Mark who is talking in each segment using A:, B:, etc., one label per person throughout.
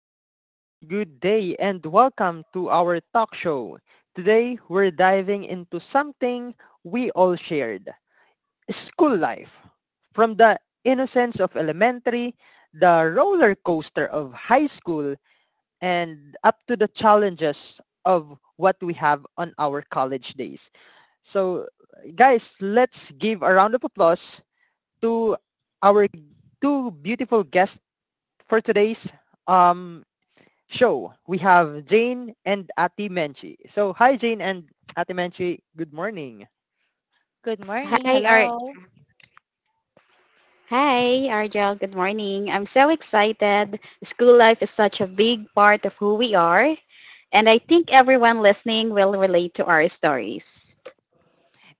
A: everyone, good day, and welcome to our talk show. Today, we're diving into something we all shared, school life. From the innocence of elementary, the roller coaster of high school, and up to the challenges of what we have on our college days. So, guys, let's give a round of applause to our two beautiful guests for today's um show, we have Jane and Ati Menchi. So, hi Jane and Ati Menchi. Good morning.
B: Good morning.
C: Hi, Ar
B: Hello.
C: Hi, Argel. Good morning. I'm so excited. School life is such a big part of who we are, and I think everyone listening will relate to our stories.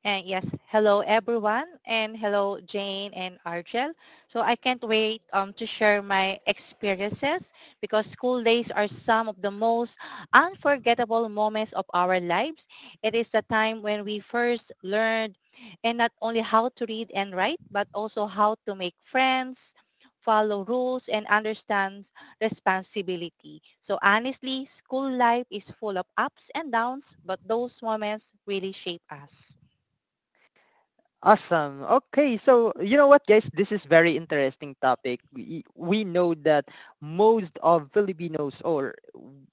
B: And yes, hello everyone and hello Jane and Argel. So I can't wait to share my experiences because school days are some of the most unforgettable moments of our lives. It is the time when we first learned and not only how to read and write but also how to make friends, follow rules and understand responsibility. So honestly, school life is full of ups and downs, but those moments really shape us.
A: Awesome. Okay, so you know what, guys? This is very interesting topic. We know that most of Filipinos, or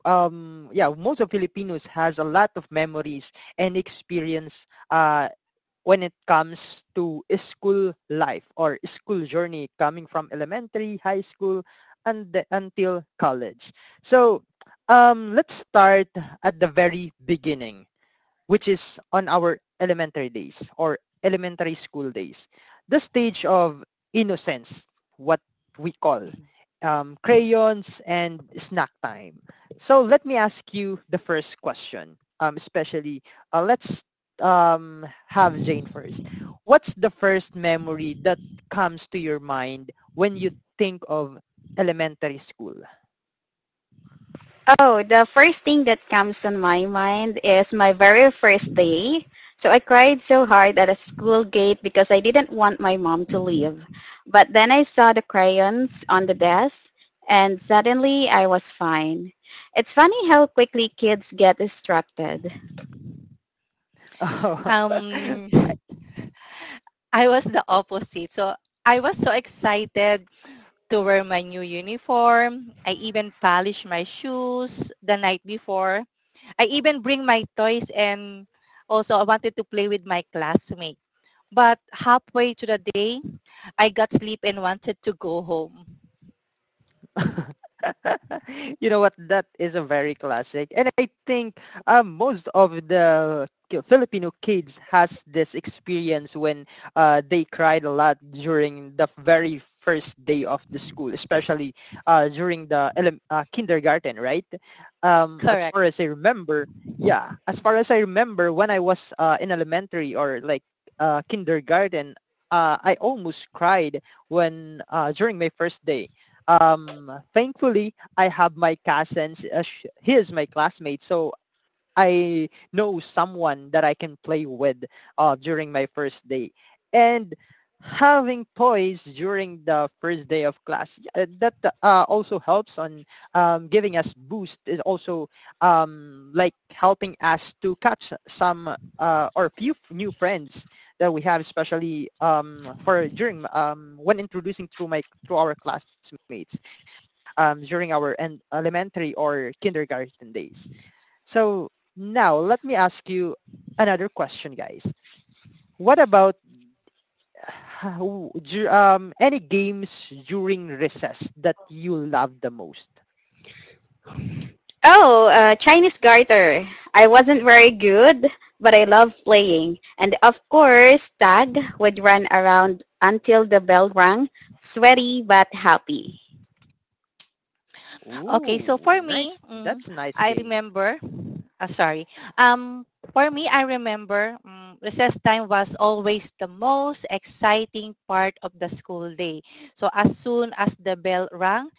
A: yeah, most of Filipinos has a lot of memories and experience when it comes to school life or school journey coming from elementary, high school, until college. So let's start at the very beginning which is on our elementary days or elementary school days. The stage of innocence, what we call
B: Mhm, mhm.
A: crayons and snack time. So let me ask you the first question, especially let's have Jane first. What's the first memory that comes to your mind when you think of elementary school?
C: Oh, the first thing that comes on my mind is my very first day. So I cried so hard at a school gate because I didn't want my mom to leave. But then I saw the crayons on the desk and suddenly I was fine. It's funny how quickly kids get distracted.
B: Um, I was the opposite. So I was so excited to wear my new uniform. I even polished my shoes the night before. I even bring my toys and also I wanted to play with my classmate. But halfway to the day, I got sleep and wanted to go home.
A: You know what? That is a very classic, and I think most of the Filipino kids has this experience when they cried a lot during the very first day of the school, especially during the kindergarten, right? As far as I remember, yeah, as far as I remember, when I was in elementary or like kindergarten, I almost cried when during my first day. Um, thankfully, I have my cousins. He is my classmate, so I know someone that I can play with during my first day. And having toys during the first day of class yeah, that also helps on giving us boost is also like helping us to catch some or few new friends that we have especially for during when introducing through our classmates during our elementary or kindergarten days. So now let me ask you another question, guys. What about uh, any games during recess that you love the most?
C: Oh, Chinese garter. I wasn't very good, but I loved playing. And of course, Tag would run around until the bell rang, sweaty but happy.
B: Okay, so
A: Ooh,
B: for me,
A: nice. That's a nice
B: I
A: game.
B: remember, sorry. For me, I remember recess time was always the most exciting part of the school day. So as soon as the bell rang,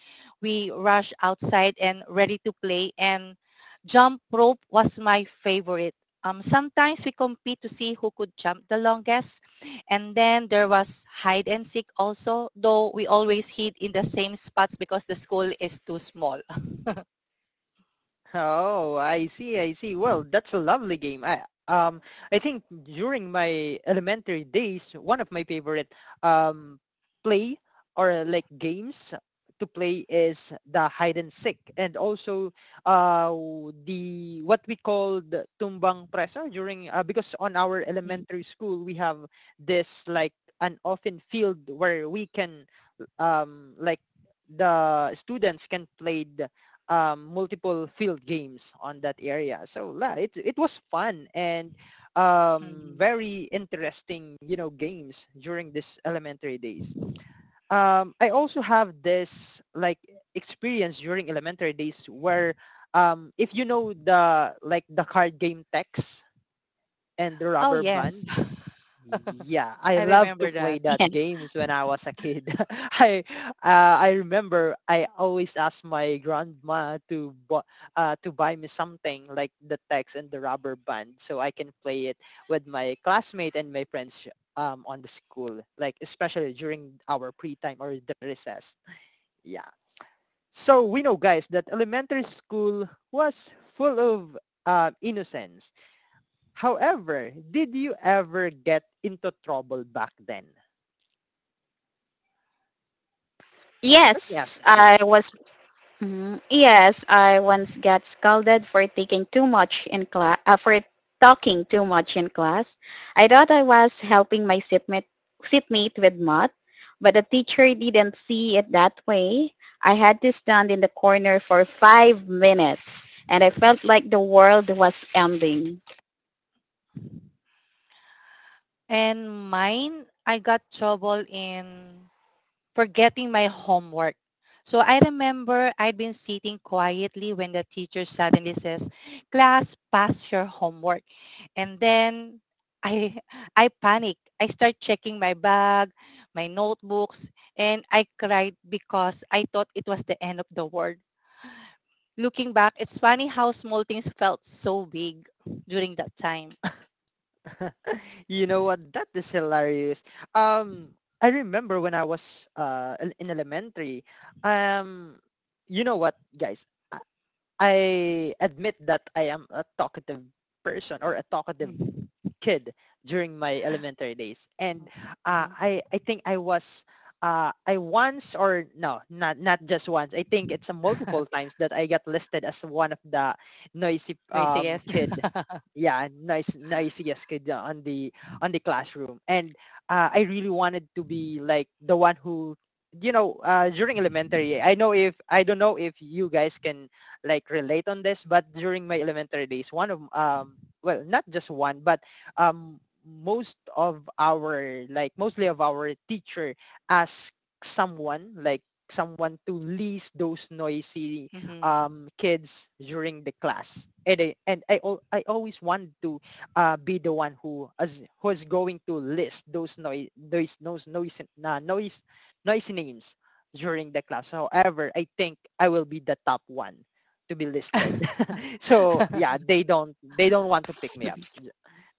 B: we rushed outside and ready to play. And jump rope was my favorite. Sometimes we compete to see who could jump the longest. And then there was hide and seek also, though we always hid in the same spots because the school is too small.
A: Oh, I see, I see. Well,
B: Mm,
A: that's a lovely game. Um I think during my elementary days, one of my favorite um play or like games to play is the hide and seek and also uh the what we call the tumbang preso during because on our elementary school we have this like an open field where we can um like the students can play multiple field games on that area. So yeah, it was fun and
B: mhm.
A: very interesting, you know, games during this elementary days. I also have this like experience during elementary days where if you know the card game Tex and the
B: Oh,
A: rubber
B: yes.
A: band, yeah, I
B: I
A: love to
B: remember
A: play
B: that.
A: that
C: Yes.
A: games when I was a kid. I I remember I always asked my grandma to to buy me something like the text and the rubber band so I can play it with my classmate and my friends on the school, like especially during our pre time or the recess. Yeah. So we know guys that elementary school was full of innocence. However, did you ever get into trouble back then? Let me
C: Yes,
A: ask Jane.
C: I was. Mhm. Yes, I once got scolded for taking too much in class, for talking too much in class. I thought I was helping my seatmate with math, but the teacher didn't see it that way. I had to stand in the corner for five minutes, and I felt like the world was ending.
B: And mine, I got trouble in forgetting my homework. So I remember I'd been sitting quietly when the teacher suddenly says, class, pass your homework. And then I, I panic. I start checking my bag, my notebooks, and I cried because I thought it was the end of the world. Looking back, it's funny how small things felt so big during that time.
A: You know what? That is hilarious. Um, I remember when I was in elementary. Um, you know what, guys? I I admit that I am a talkative person or a talkative kid during my elementary days, and
B: Mm-hmm.
A: I think I was I once or no, not just once. I think it's a multiple times that I got listed as one of the noisy
B: No, you say yes.
A: kid. Yeah, nice noisiest kid on the classroom, and I really wanted to be like the one who you know during elementary I don't know if you guys can like relate on this, but during my elementary days one of well not just one but um, most of our, like mostly of our teacher ask someone, like someone to list those noisy
B: Mhm.
A: kids during the class. I always want to be the one who's going to list those noise noise noisy names during the class. However, I think I will be the top one to be listed. So yeah, they don't want to pick me up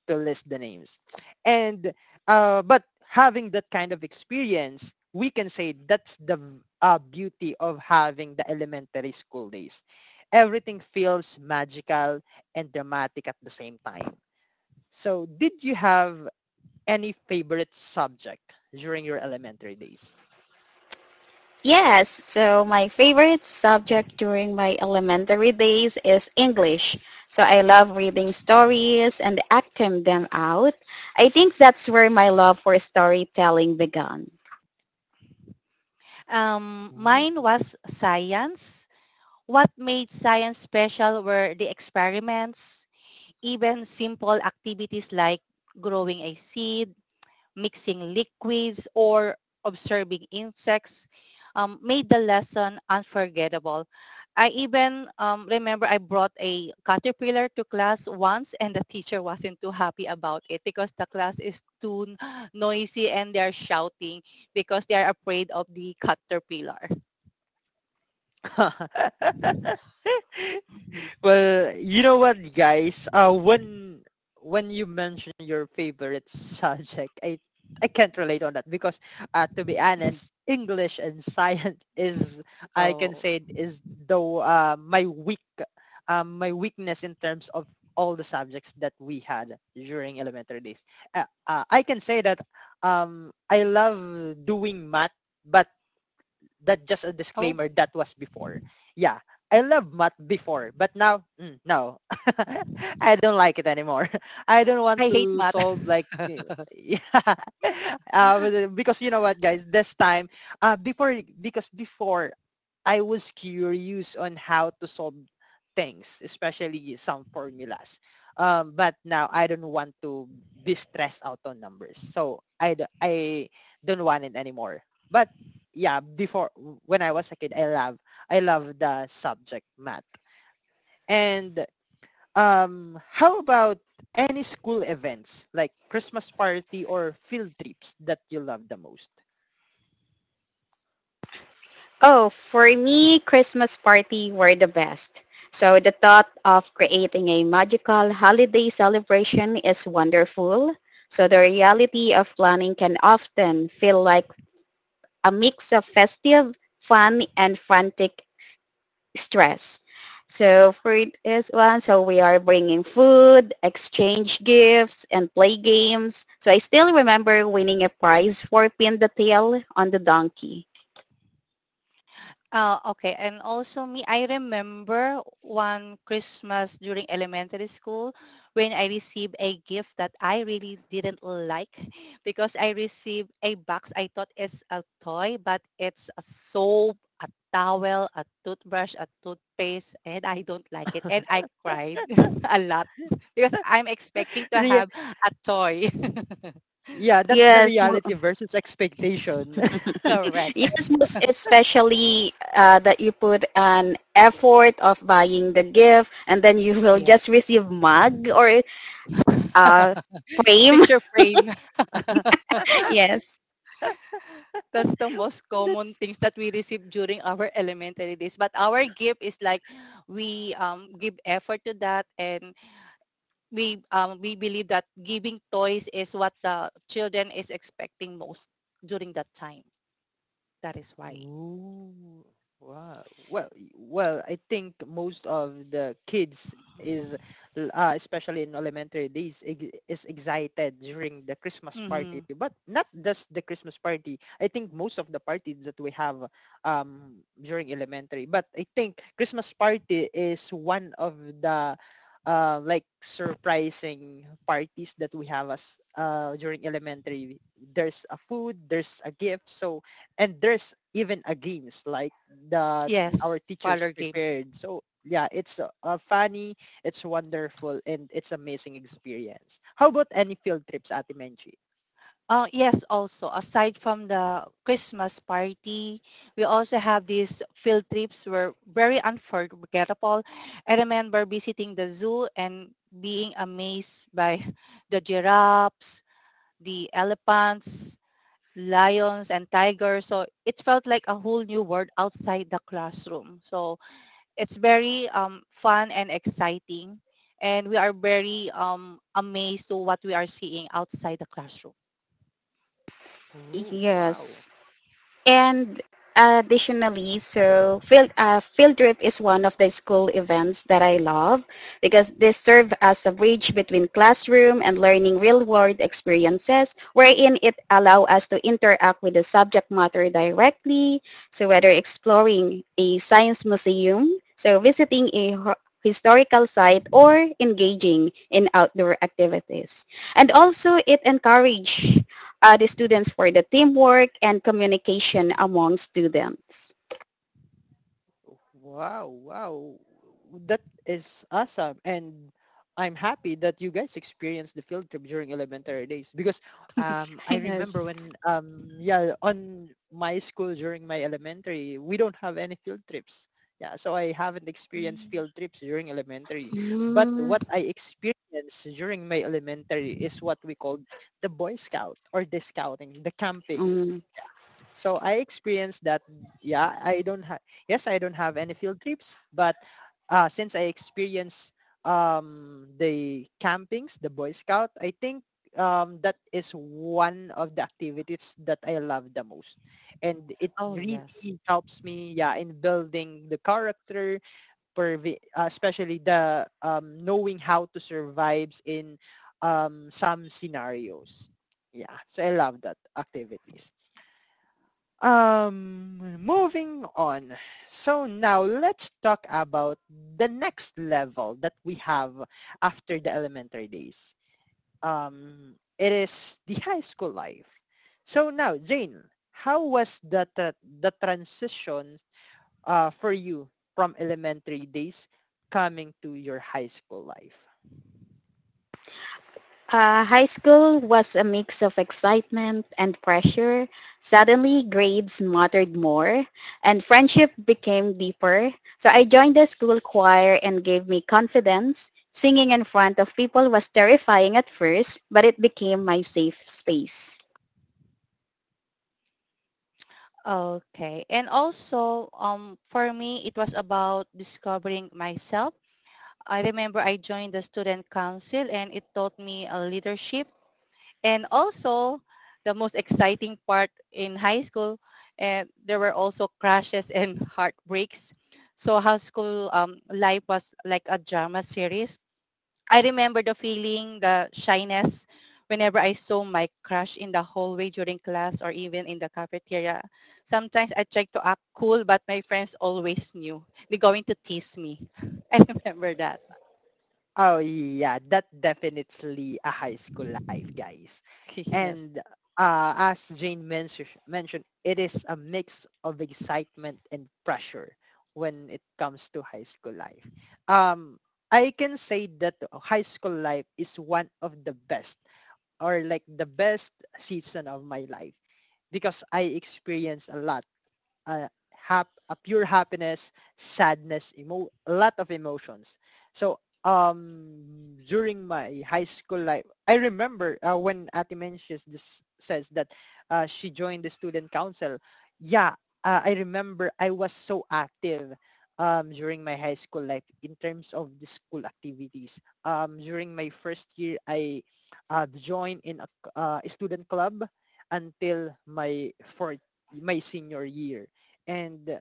A: to list the names. And but having that kind of experience, we can say that's the beauty of having the elementary school days. Everything feels magical and dramatic at the same time. So did you have any favorite subject during your elementary days?
C: Yes, so my favorite subject during my elementary days is English. So I love reading stories and acting them out. I think that's where my love for storytelling began.
B: Mine was science. What made science special were the experiments, even simple activities like growing a seed, mixing liquids, or observing insects made the lesson unforgettable. I even remember I brought a caterpillar to class once and the teacher wasn't too happy about it because the class is too noisy and they're shouting because they're afraid of the caterpillar. Mhm,
A: Well, you know what, guys? When you mention your favorite subject, I can't relate on that because, to be
B: mhm.
A: honest, English and science is I can
B: Oh.
A: say is though my weak my weakness in terms of all the subjects that we had during elementary days. I can say that I love doing math, but that just a
B: Oh,
A: disclaimer that was before yeah, I love math before, but now no. I don't like it anymore. I don't want
B: I hate
A: to
B: math.
A: solve like yeah. Because you know what guys, this time before I was curious on how to solve things, especially some formulas, but now I don't want to be stressed out on numbers, so I don't want it anymore. But yeah, before when I was a kid, I love the subject math. And how about any school events like Christmas party or field trips that you love the most?
C: Oh, for me, Christmas party were the best. So the thought of creating a magical holiday celebration is wonderful. So the reality of planning can often feel like a mix of festive, fun, and frantic stress. So for this one, so we are bringing food, exchange gifts, and play games. So I still remember winning a prize for pin the tail on the donkey.
B: Oh, okay. And also me, I remember one Christmas during elementary school when I received a gift that I really didn't like because I received a box. I thought it's a toy, but it's a soap, a towel, a toothbrush, a toothpaste, and I don't like it. And I cried a lot because I'm expecting to
A: Re-
B: have a toy.
A: yeah, that's the
C: Yes, mo-
A: reality versus expectation.
B: Correct.
C: yes, most especially that you put an effort of buying the gift, and then you will just receive mug or uh, frame.
B: Picture frame.
C: yes,
B: That's the most common
A: that's
B: things that we receive during our elementary days. But our gift is like we give effort to that, and we believe that giving toys is what the children is expecting most during that time. That is why.
A: Ooh, wow. Well, well, I think most of the kids is, especially in elementary days, is excited during the Christmas party.
B: Hmm.
A: But not just the Christmas party. I think most of the parties that we have during elementary. But I think Christmas party is one of the like surprising parties that we have as during elementary. There's a food, there's a gift, so and there's even a games like that
B: Yes,
A: our teachers
B: parlor games.
A: prepared. So yeah, it's funny, it's wonderful, and it's amazing experience. How about any field trips, Ate Menchi?
B: Oh, yes, also, aside from the Christmas party, we also have these field trips were very unforgettable. I remember visiting the zoo and being amazed by the giraffes, the elephants, lions, and tigers. So it felt like a whole new world outside the classroom. So it's very fun and exciting. And we are very amazed to what we are seeing outside the classroom.
A: Oh, wow.
C: yes. And additionally, so field trip is one of the school events that I love because they serve as a bridge between classroom and learning real world experiences wherein it allow us to interact with the subject matter directly. So whether exploring a science museum, so visiting a historical site or engaging in outdoor activities. And also it encourage the students for the teamwork and communication among students.
A: Wow, wow. That is awesome. And I'm happy that you guys experienced the field trip during elementary days because I remember
C: Yes.
A: when, yeah, on my school during my elementary, we don't have any field trips. Yeah, so I haven't experienced
B: Mm.
A: field trips during elementary. But
C: Mm,
A: what I experienced during my elementary is what we called the Boy Scout or the scouting, the campings.
C: mm.
A: So I experienced that. Yeah, I don't have. Yes, I don't have any field trips, but since I experienced the campings, the Boy Scout, I think that is one of the activities that I love the most, and it
B: Oh,
A: really
B: yes.
A: helps me. Yeah, in building the character, especially the knowing how to survive in some scenarios. Yeah, so I love that activities. Moving on. So now let's talk about the next level that we have after the elementary days. It is the high school life. So now, Jane, how was the the transition for you from elementary days coming to your high school life?
C: High school was a mix of excitement and pressure. Suddenly, grades mattered more and friendship became deeper. So I joined the school choir and gave me confidence. Singing in front of people was terrifying at first, but it became my safe space.
B: Okay. And also, for me, it was about discovering myself. I remember I joined the student council and it taught me leadership. And also, the most exciting part in high school, there were also crashes and heartbreaks. So high school life was like a drama series. I remember the feeling, the shyness whenever I saw my crush in the hallway during class or even in the cafeteria. Sometimes I tried to act cool, but my friends always knew. They're going to tease me. I remember that.
A: Oh yeah, that definitely a high school life, guys.
B: Yes.
A: And mentioned, it is a mix of excitement and pressure when it comes to high school life. Um, I can say that high school life is one of the best or like the best season of my life because I experienced a lot a pure happiness, sadness, a lot of emotions. So during my high school life, I remember when Ati mentions this says that she joined the student council. Yeah, I remember I was so active during my high school life in terms of the school activities. During my first year, I joined in a, a student club until my fourth, my senior year. And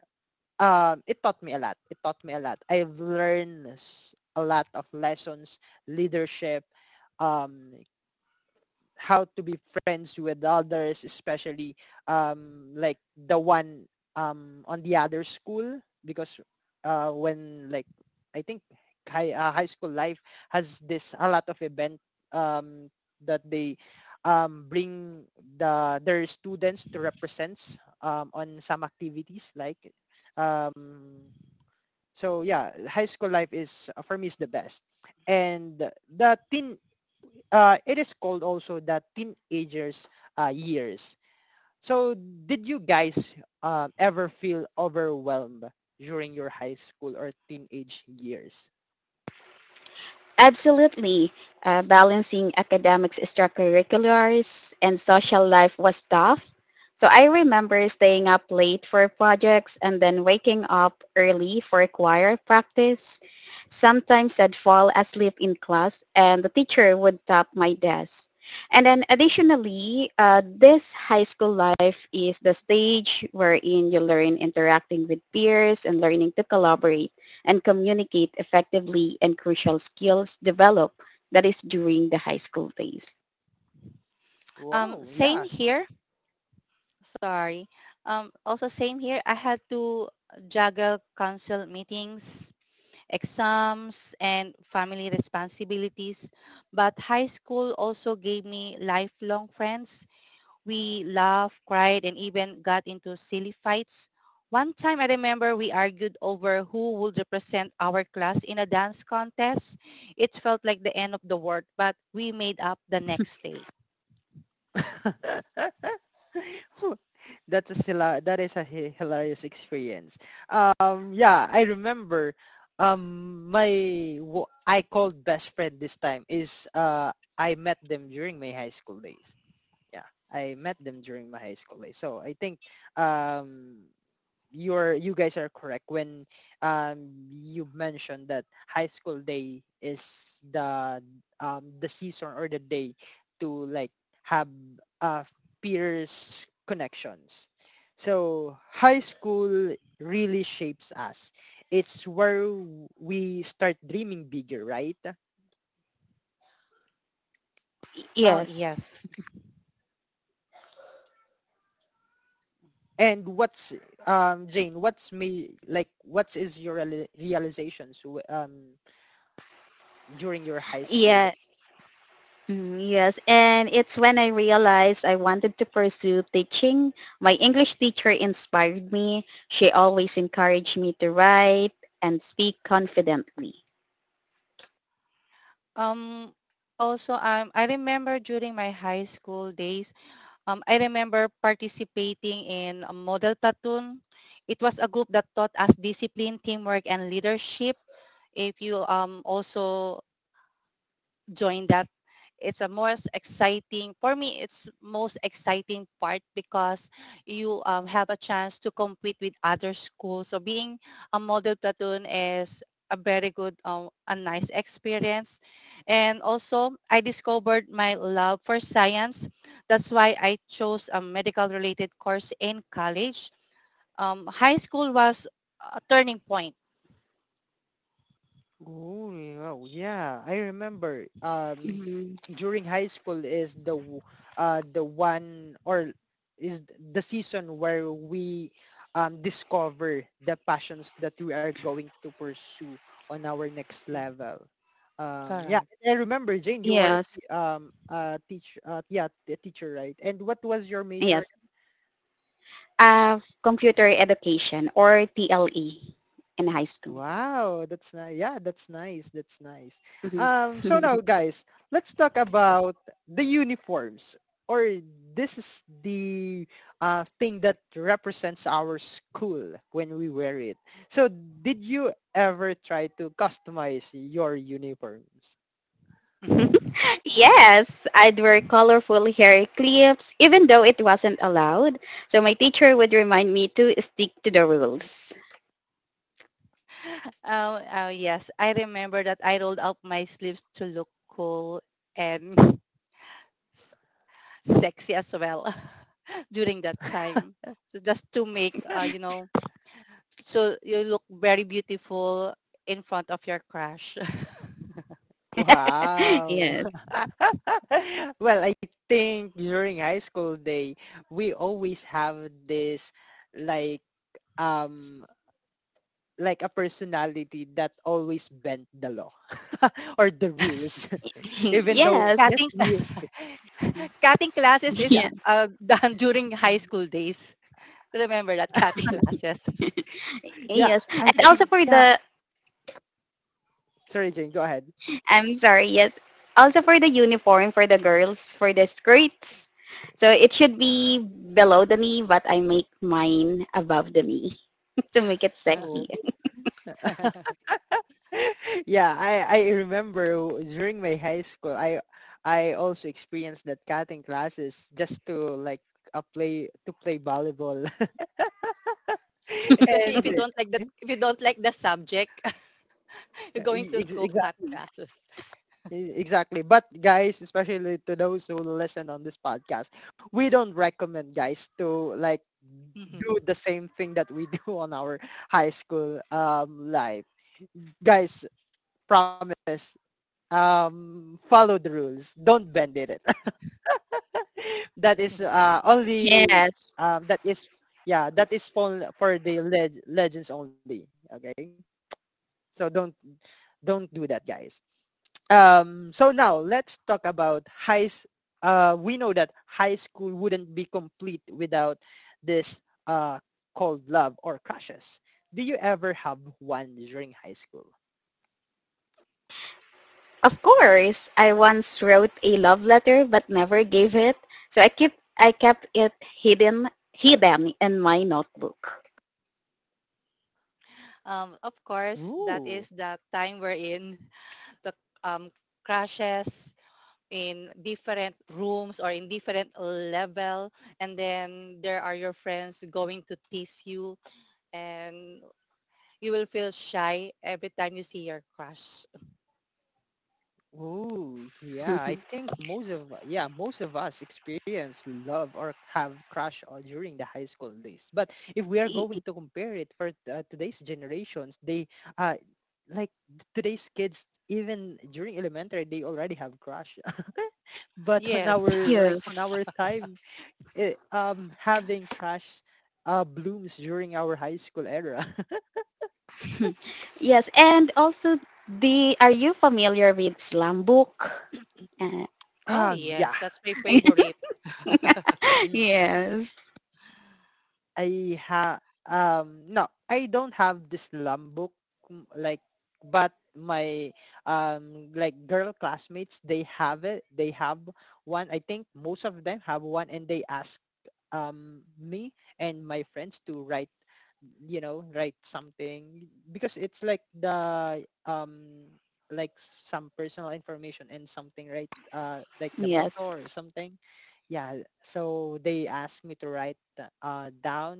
A: it taught me a lot. It taught me a lot. I've learned a lot of lessons, leadership, um, how to be friends with others, especially, like the one, on the other school, because, when, like, I think high school life has this a lot of event, um, that they, bring their students to represent, on some activities like, um, so yeah, high school life is, for me, is the best. And the teen it is called also the teenagers years. So, did you guys, ever feel overwhelmed during your high school or teenage years?
C: Absolutely. Balancing academics, extracurriculars, and social life was tough. So I remember staying up late for projects and then waking up early for choir practice. Sometimes I'd fall asleep in class and the teacher would tap my desk. And then additionally, this high school life is the stage wherein you learn interacting with peers and learning to collaborate and communicate effectively and crucial skills developed that is during the high school days.
A: Wow,
B: Same
A: yeah.
B: here. Sorry. Also same here. I had to juggle council meetings, exams, and family responsibilities. But high school also gave me lifelong friends. We laughed, cried, and even got into silly fights. One time I remember we argued over who would represent our class in a dance contest. It felt like the end of the world, but we made up the next day.
A: That's a hilarious experience. Yeah, I remember, I called best friend this time is, I met them during my high school days. Yeah, I met them during my high school days, so I think, um you guys are correct when, um you mentioned that high school day is the the season or the day to, like, have, uh peers connections. So high school really shapes us. It's where we start dreaming bigger, right?
B: Oh,
C: Yes.
B: yes.
A: And what's, Jane? What's me like? What is your realizations, during your high school days?
C: Yeah. Mm, yes, and it's when I realized I wanted to pursue teaching. My English teacher inspired me. She always encouraged me to write and speak confidently.
B: Um, Also, I remember during my high school days, I remember participating in a model platoon. It was a group that taught us discipline, teamwork, and leadership. If you also join that, it's a most exciting for me, it's most exciting part because you have a chance to compete with other schools. So being a model platoon is a very good, a nice experience. And also, I discovered my love for science. That's why I chose a medical related course in college. High school was a turning point.
A: Ooh, yeah, oh, yeah, I remember.
C: Mhm.
A: During high school is the w- the one or is the season where we, discover the passions that we are going to pursue on our next level. Yeah,
B: Correct.
A: I remember Jane. You are,
C: Yes,
A: a teach yeah a teacher, right? And what was your major?
C: yes. Computer education or TLE in high school.
A: Wow, that's nice. Yeah, that's nice. That's nice.
C: Mhm.
A: So now, guys, let's talk about the uniforms. Or this is the, thing that represents our school when we wear it. So, did you ever try to customize your uniforms?
C: Yes, I'd wear colorful hair clips, even though it wasn't allowed. So my teacher would remind me to stick to the rules.
B: Oh, oh yes. I remember that I rolled up my sleeves to look cool and s- sexy as well during that time. So just to make, so you look very beautiful in front of your crush.
A: Wow.
C: yes.
A: Well, I think during high school day, we always have this, like, um a personality that always bent the law or the rules even though,
C: yes.
A: yes,
B: Cutting,
A: we,
B: cutting classes
A: yeah.
B: is
C: Yeah.
B: done during high school days. Remember that cutting classes.
A: Yeah,
C: Yes.
A: I
C: And also
A: think.
C: for
A: Yeah,
C: the.
A: sorry Jane, go ahead.
C: I'm sorry, yes. Also for the uniform for the girls, for the skirts. So it should be below the knee, but I make mine above the knee to make it
A: Oh.
C: sexy.
A: Yeah, I remember during my high school I also experienced that cutting classes just to, like, a play to play volleyball.
B: Especially if
A: And
B: you don't like the if you don't like the subject, you're going to go cut
A: exactly.
B: classes.
A: Exactly. But guys, especially to those who listen on this podcast, we don't recommend guys to, like,
B: Mhm.
A: do the same thing that we do on our high school, life. Guys, promise, follow the rules. Don't bend it. that is uh only
C: Yes.
A: that is, yeah, that is for the legends only, okay? So, don't do that, guys. So now let's talk about We know that high school wouldn't be complete without this, cold love or crushes. Do you ever have one during high school?
C: Of course, I once wrote a love letter but never gave it. So I kept it hidden in my notebook.
B: Of course, that is
A: Ooh.
B: the time we're in the um, crashes in different rooms or in different level, and then there are your friends going to tease you, and you will feel shy every time you see your crush.
A: Oh, yeah. I think most of, yeah, most of us experience love or have crush on during the high school days. But if we are
C: Y-
A: going to compare it for, today's generations, they, uh like, today's kids, even during elementary, they already have crush. But on
B: Yes.
A: our like on our
C: yes.
A: time, having crush, blooms during our high school era.
C: yes, and also, the are you familiar with slam book? Uh,
B: Oh
A: Ah, yeah.
B: yes, that's my favorite.
C: yes.
A: I ha No, I don't have this lum book, like, but my, girl classmates, they have it. They have one. I think most of them have one, and they ask, me and my friends to write, write something because it's like the, like some personal information and something, right? Like the
C: Yes.
A: motto or something, yeah. So they asked me to write down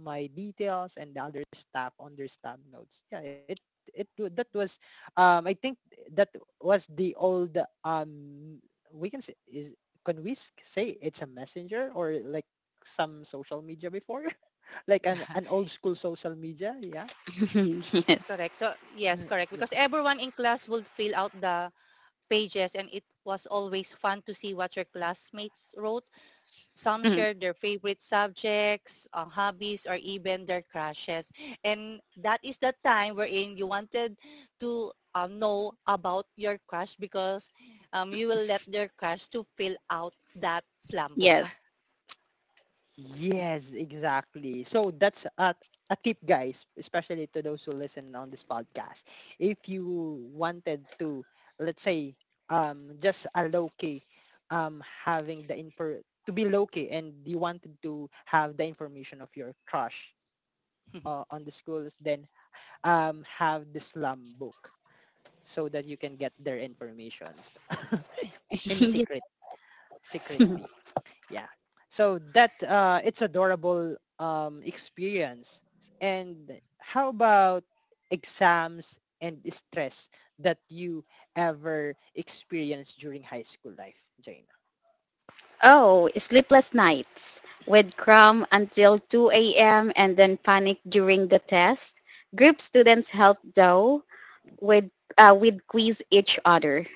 A: my details and the other staff on their staff notes, yeah. It that was, I think, that was the old, um we can say, is can we s- say it's a messenger or like some social media before like an an old school social media, yeah.
C: yes.
B: Correct. So yes,
A: Mm,
B: correct, because
A: yeah.
B: everyone in class would fill out the pages, and it was always fun to see what your classmates wrote. Some share their favorite subjects, hobbies, or even their crushes. And that is the time wherein you wanted to know about your crush, because you will let your crush to fill out that slam book.
C: yes.
A: Yes, exactly. So that's a tip, guys, especially to those who listen on this podcast. If you wanted to, let's say, just a low key, having the infor to be low key, and you wanted to have the information of your crush, on the schools, then, have the slum book so that you can get their informations in
C: yes.
A: secret, secretly. Yeah, so that, it's adorable, experience. And how about exams and stress that you ever experienced during high school life, Jaina?
C: Oh, sleepless nights. With cram until 2 a.m. and then panic during the test. Group students help though with with quiz each other.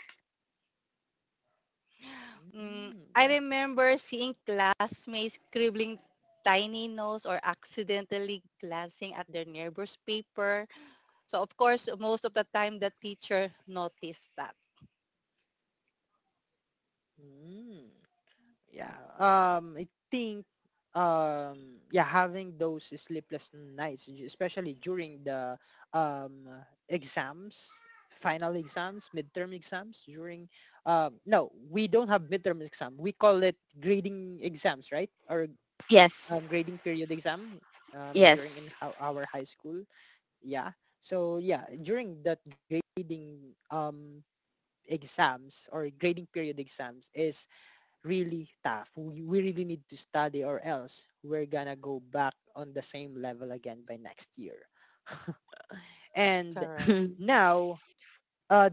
B: Mm,
A: Mm,
B: I
A: yeah.
B: remember seeing classmates scribbling tiny notes or accidentally glancing at their neighbor's paper. So of course, most of the time the teacher noticed that.
A: Mm. Yeah. I think, yeah, having those sleepless nights, especially during the, um exams, final exams, midterm exams, during, no, we don't have midterm exam, we call it grading exams, right? Or,
C: Yes,
A: grading period exam, during
C: yes.
A: in our high school. Yeah, so yeah, during that grading, exams or grading period exams is really tough. We really need to study, or else we're gonna go back on the same level again by next year. And
B: Correct.
A: now, uh,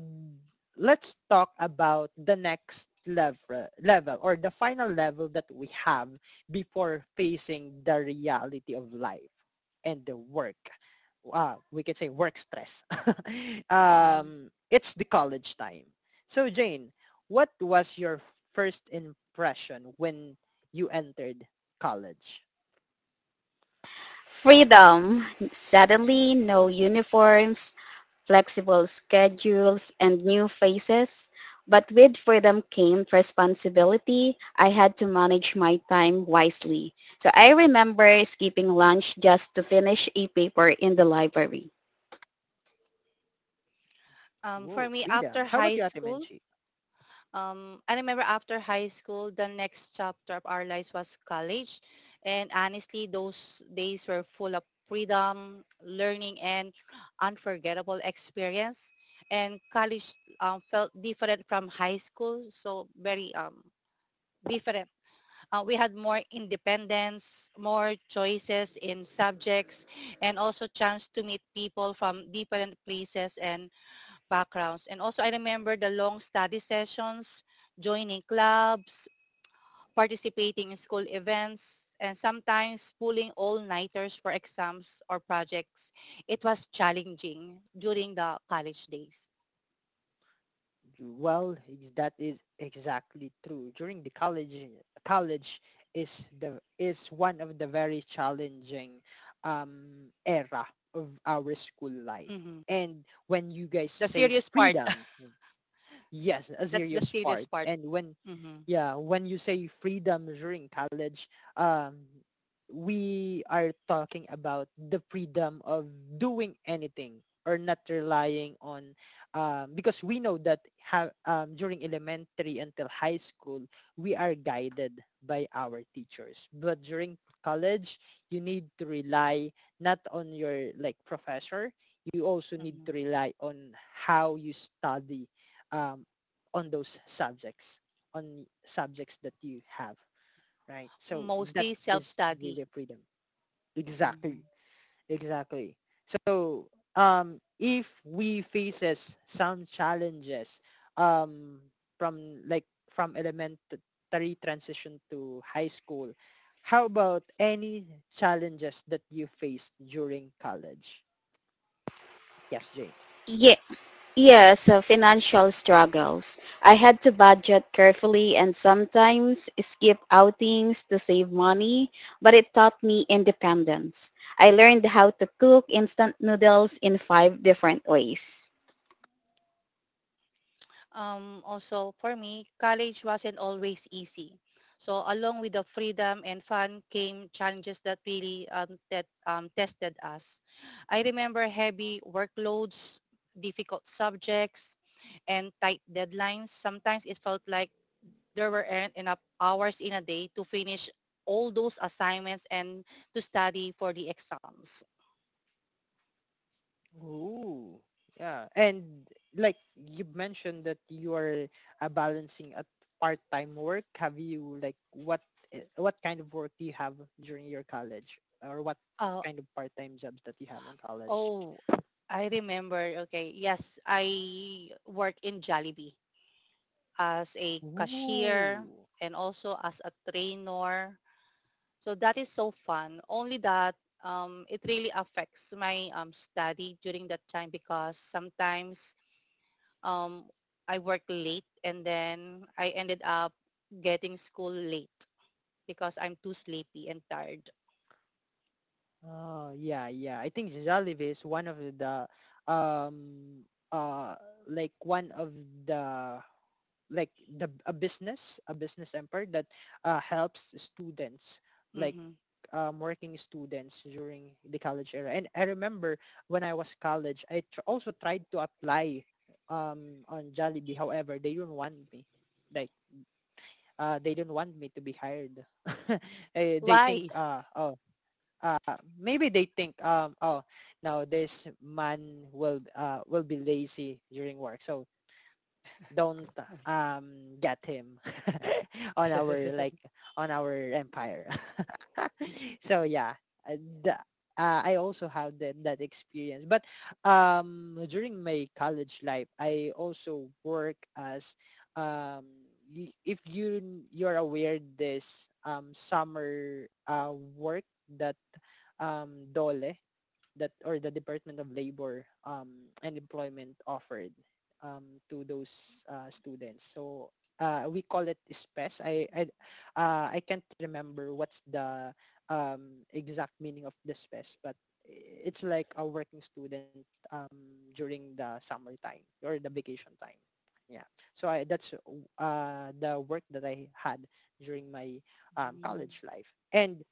A: let's talk about the next level or the final level that we have before facing the reality of life and the work, we can say work stress. It's the college time. So, Jane, what was your first impression when you entered college?
C: Freedom. Suddenly, no uniforms, flexible schedules, and new faces. But with freedom came responsibility. I had to manage my time wisely. So I remember skipping lunch just to finish a paper in the library.
B: For
A: Whoa,
B: me, after
A: freedom. How
B: high
A: about you, Ate
B: school,
A: Menchie?
B: I remember after high school, the next chapter of our lives was college. And honestly, those days were full of freedom, learning, and unforgettable experience. And college felt different from high school, so very different. We had more independence, more choices in subjects, and also chance to meet people from different places and backgrounds. And also, I remember the long study sessions, joining clubs, participating in school events, and sometimes pulling all-nighters for exams or projects. It was challenging during the college days.
A: Well, that is exactly true. During the college is one of the very challenging, era of our school life.
B: Mhm.
A: And when you guys
B: The
A: say
B: serious part.
A: freedom, yes, a
B: That's the
A: serious
B: serious
A: part.
B: part.
A: And when
B: Mhm,
A: yeah when you say freedom during college, um we are talking about the freedom of doing anything or not relying on. Because we know that during elementary until high school, we are guided by our teachers, but during college, you need to rely not on your, like, professor. You also need
B: mhm.
A: to rely on how you study, um, on those subjects, on subjects that you have, right? So that
B: Mostly
A: is
B: self-study.
A: really freedom. Exactly,
B: Mhm.
A: exactly. So, if we faces some challenges, um, from elementary transition to high school, how about any challenges that you faced during college? Yes, Jane.
C: Yeah, yeah, so financial struggles. I had to budget carefully and sometimes skip outings to save money, but it taught me independence. I learned how to cook instant noodles in 5 different ways.
B: Also, for me, college wasn't always easy. So along with the freedom and fun came challenges that really that tested us. I remember heavy workloads, difficult subjects, and tight deadlines. Sometimes it felt like there weren't enough hours in a day to finish all those assignments and to study for the exams.
A: Ooh, yeah. And like you mentioned that you are, balancing a part-time work. Have you, like, what kind of work do you have during your college, or what
B: Uh,
A: kind of part-time jobs that you have on college?
B: oh, I remember. Okay. Yes, I work in Jollibee as a cashier
A: Ooh.
B: and also as a trainer. So that is so fun. Only that it really affects my study during that time because sometimes um, I work late and then I ended up getting school late, because I'm too sleepy and tired.
A: Oh, yeah, yeah. I think Jollibee is one of the, um uh like one of the, like, the a business empire that, helps students, like,
B: Mm-hmm.
A: working students during the college era. And I remember when I was college, I also tried to apply, on Jollibee. However, they didn't want me, like, they didn't want me to be hired. Eh, they think
B: Why?
A: oh uh, maybe they think, oh, now this man will, will be lazy during work, so don't, get him, on our like on our empire. So yeah, uh, the, I also have that experience. But, during my college life, I also work as, um if you're aware this, summer, work, that, dole, that, or the Department of Labor, and Employment offered, to those, students. So, we call it SPES. I can't remember what's the, exact meaning of the SPES, but it's like a working student, during the summertime or the vacation time. Yeah. So that's, the work that I had during my,
B: Mm-hmm.
A: college life. And,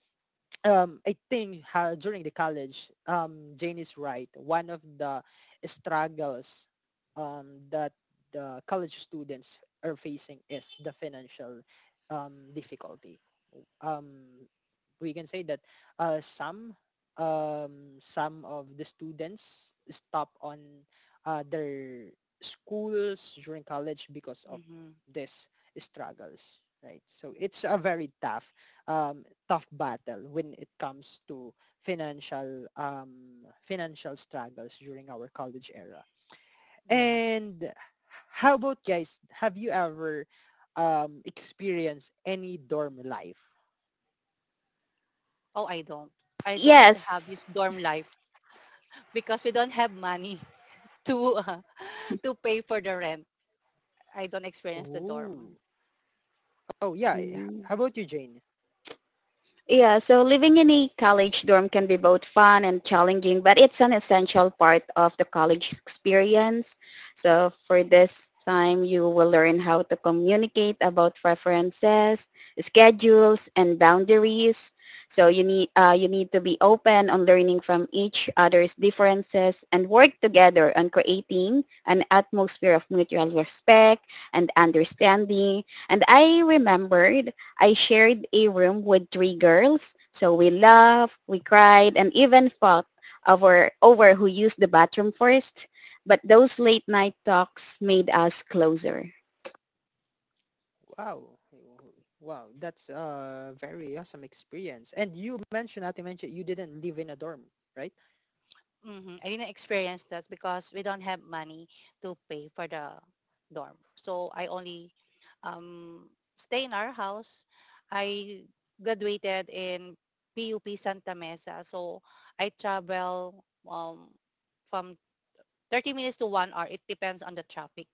A: I think, during the college, Jane is right. One of the struggles, that the college students are facing is the financial, difficulty. um, we can say that, uh, some some of the students stop on, their schools during college because of
B: Mm-hmm.
A: this struggles, right? So it's a very um, tough battle when it comes to financial struggles during our college era.
B: Yes.
A: And how about, guys, have you ever, experienced any dorm life?
B: Oh, I don't. I don't have
C: Yes,
B: this dorm life because we don't have money to uh, to pay for the rent. I don't experience the
A: Oh,
B: dorm.
A: oh yeah.
C: mm.
A: How about you, Jane?
C: Yeah, so living in a college dorm can be both fun and challenging, but it's an essential part of the college experience. So for this time, you will learn how to communicate about preferences, schedules, and boundaries. So you need to be open on learning from each other's differences and work together on creating an atmosphere of mutual respect and understanding. And I remembered I shared a room with 3 girls. So we laughed, we cried, and even fought over who used the bathroom first. But those late night talks made us closer.
A: Wow. Hey. Oh, wow, that's a very awesome experience. And you mentioned, Ate mentioned, you didn't live in a dorm, right?
B: Mm-hmm. I didn't experience that because we don't have money to pay for the dorm. So I only um, stay in our house. I graduated in PUP Santa Mesa. So I travel um, from 30 minutes to 1 hour. It depends on the traffic,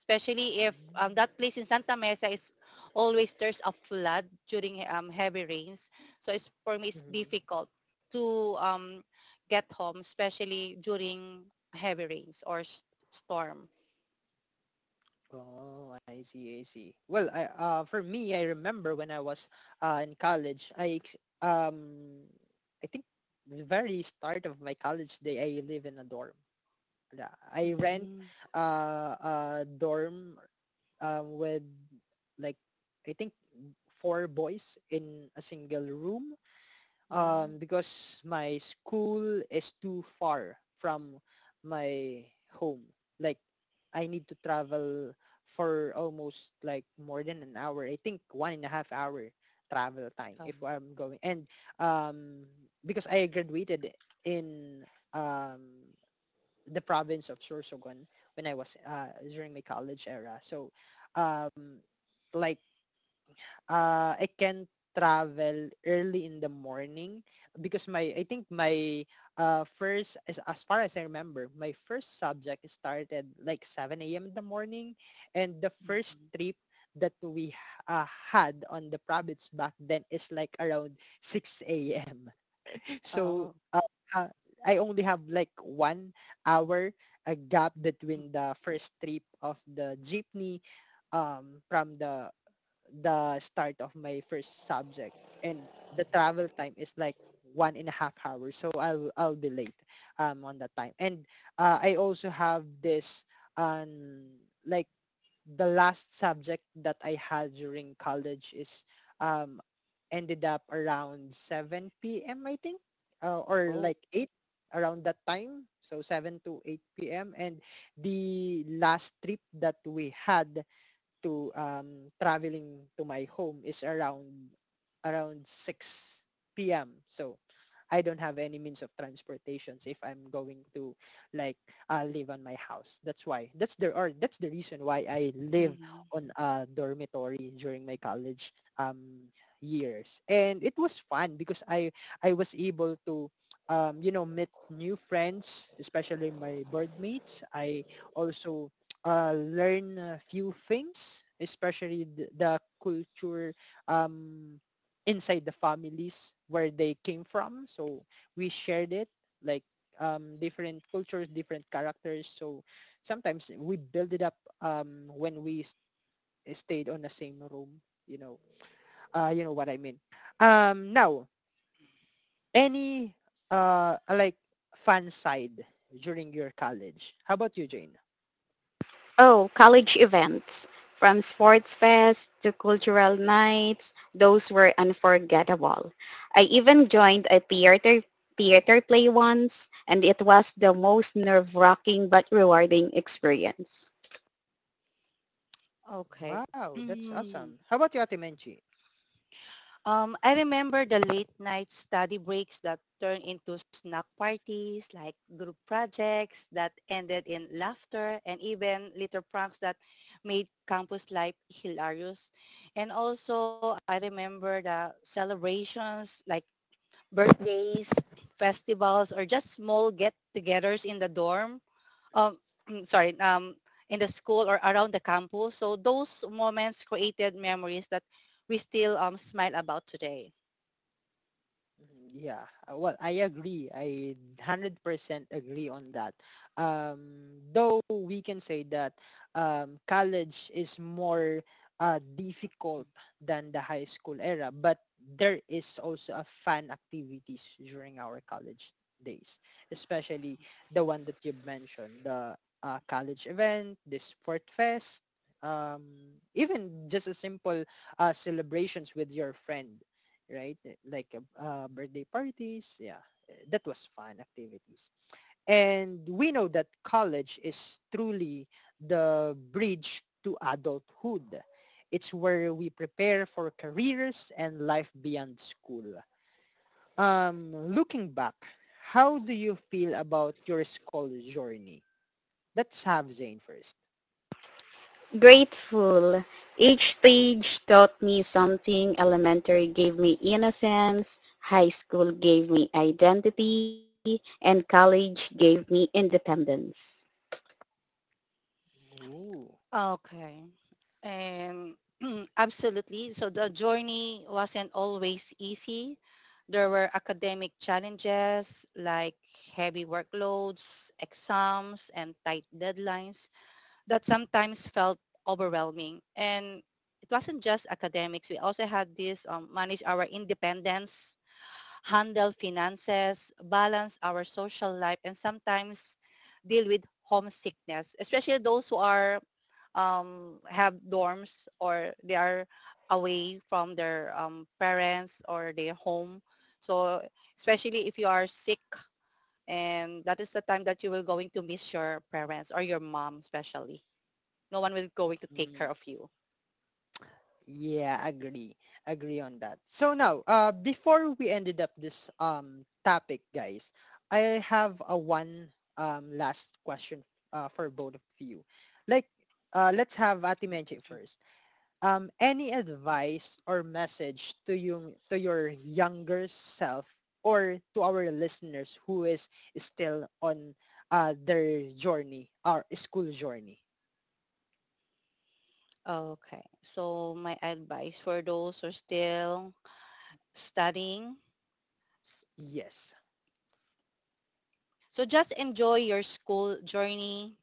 B: especially if
A: Oh.
B: that place in Santa Mesa is always there's a flood during heavy rains. So it's for me it's
A: Mhm.
B: difficult to get home, especially during heavy rains or storm.
A: Oh, I see, I see. Well, I for me, I remember when I was, in college, um, I think the very start of my college day, I live in a dorm. I rent,
B: Mm.
A: a dorm, with, like, I think four boys in a single room,
B: Mm.
A: because my school is too far from my home. Like, I need to travel for almost like more than an hour. I think 1.5 hour travel time
B: Oh.
A: if I'm going. And, um, because I graduated in, um, the province of Sorsogon, when I was, during my college era. So, um, like, I can travel early in the morning, because my I think my, first, as far as I remember, my first subject started like 7 a.m. in the morning, and the first
B: Mhm.
A: trip that we, uh, had on the province back then is like around 6 a.m. So
B: Oh.
A: uh, uh, I only have like 1 hour a gap
B: Mhm.
A: between the first trip of the jeepney, from the start of my first subject, and the travel time is like 1.5 hours, so I'll be late on that time. And I also have this, um like, the last subject that I had during college is um ended up around 7 p.m., I think, or
B: Oh.
A: like eight, around that time. So 7-8 p.m. And the last trip that we had to traveling to my home is around 6 p.m. So I don't have any means of transportations if I'm going to, like, live on my house. That's why. That's the reason why I live
B: Mhm.
A: on a dormitory during my college years. And it was fun because I was able to, meet new friends, especially my bird mates. I also learn a few things, especially the culture um, inside the families where they came from. So we shared it, like, different cultures, different characters. So sometimes we build it up, when stayed on the same room. You know, you know what I mean. Now, any, like, fun side during your college? How about you, Jane?
C: Oh, college events. From sports fest to cultural nights, those were unforgettable. I even joined a theater play once, and it was the most nerve-wracking but rewarding experience.
B: Okay.
A: Wow, that's awesome. How about you, Ate Menchi?
B: I remember the late night study breaks that turned into snack parties, like group projects that ended in laughter and even little pranks that made campus life hilarious. And also, I remember the celebrations like birthdays, festivals, or just small get-togethers in the dorm. Um, sorry, in the school or around the campus. So those moments created memories that we still smile about today.
A: Mhm. Yeah. Well, I agree. I 100% agree on that. Though we can say that, college is more, difficult than the high school era, but there is also a fun activities during our college days, especially the one that you mentioned, the, college event, the sport fest. Um, even just a simple celebrations with your friend, right? Eh, like birthday parties. Yeah, that was fun activities. And we know that college is truly the bridge to adulthood. It's where we prepare for careers and life beyond school. Looking back, how do you feel about your school journey? Let's have Zane first.
C: Grateful. Each stage taught me something. Elementary gave me innocence. High school gave me identity. And college gave me independence.
A: Ooh.
B: Okay. Um, absolutely. So the journey wasn't always easy. There were academic challenges like heavy workloads, exams, and tight deadlines that sometimes felt overwhelming. And it wasn't just academics. We also had this manage our independence, handle finances, balance our social life, and sometimes deal with homesickness, especially those who are have dorms or they are away from their parents or their home. So especially if you are sick, and that is the time that you will going to miss your parents or your mom, especially no one will going to take care of you.
A: Yeah, agree. Agree on that. So now, before we ended up this topic, guys, I have a one last question, for both of you. Like, let's have Ate Menche first. Any advice or message to you, to your younger self, or to our listeners who is still on their journey, our school journey?
B: Okay. So my advice for those who are still studying, s-
A: Yes.
B: so just enjoy your school journey,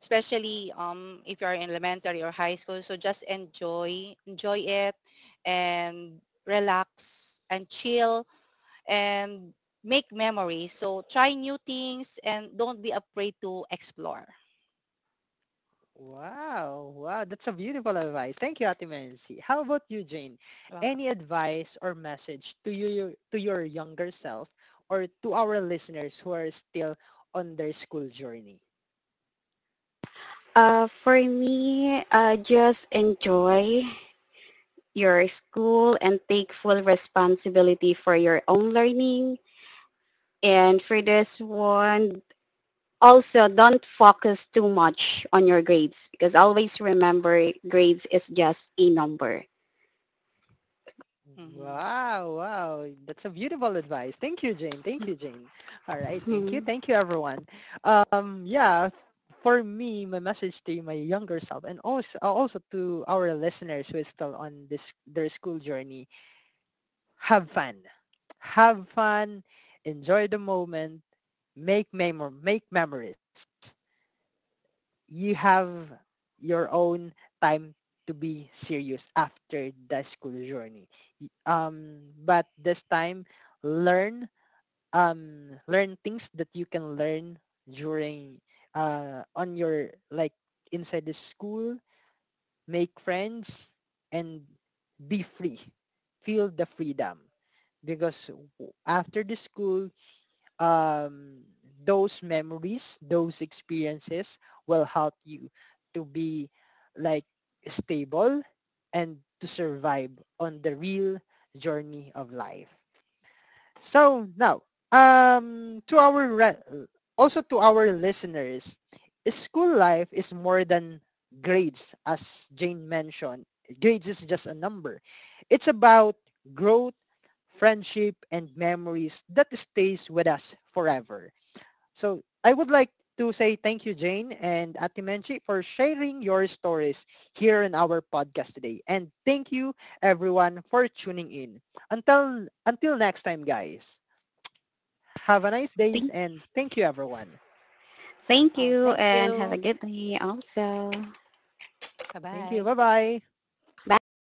B: especially if you are in elementary or high school. So just enjoy, enjoy it and relax and chill and make memories. So try new things and don't be afraid to explore.
A: Wow, wow, that's a beautiful advice. Thank you, Ate Menzi. How about you, Jane?
B: Welcome.
A: Any advice or message to you, to your younger self, or to our listeners who are still on their school journey?
C: For me, just enjoy your school and take full responsibility for your own learning. And for this one, also don't focus too much on your grades because always remember grades is just a number.
B: Mhm.
A: Wow, wow, that's a beautiful advice. Thank you, Jane. Thank you, Jane. All right,
C: Hmm.
A: thank you, everyone. Yeah, for me, my message to my younger self, and also to our listeners who is still on this their school journey, have fun. Have fun. Enjoy the moment. Make memories. You have your own time to be serious after the school journey. But this time, learn learn things that you can learn during, on your, like, inside the school, make friends, and be free. Feel the freedom. Because after the school, um, those memories, those experiences will help you to be, like, stable and to survive on the real journey of life. So now, to also to our listeners, school life is more than grades, as Jane mentioned. Grades is just a number. It's about growth, friendship, and memories that stays with us forever. So I would like to say thank you, Jane and Ate Menchi, for sharing your stories here in our podcast today. And thank you, everyone, for tuning in. Until next time, guys. Have a nice day
C: Thank.
A: and thank you, everyone.
C: Thank
B: Oh,
C: you
B: thank
C: and have a
B: you.
C: good day also.
A: Thank you.
B: Bye-bye.
A: Bye-bye.
C: Bye.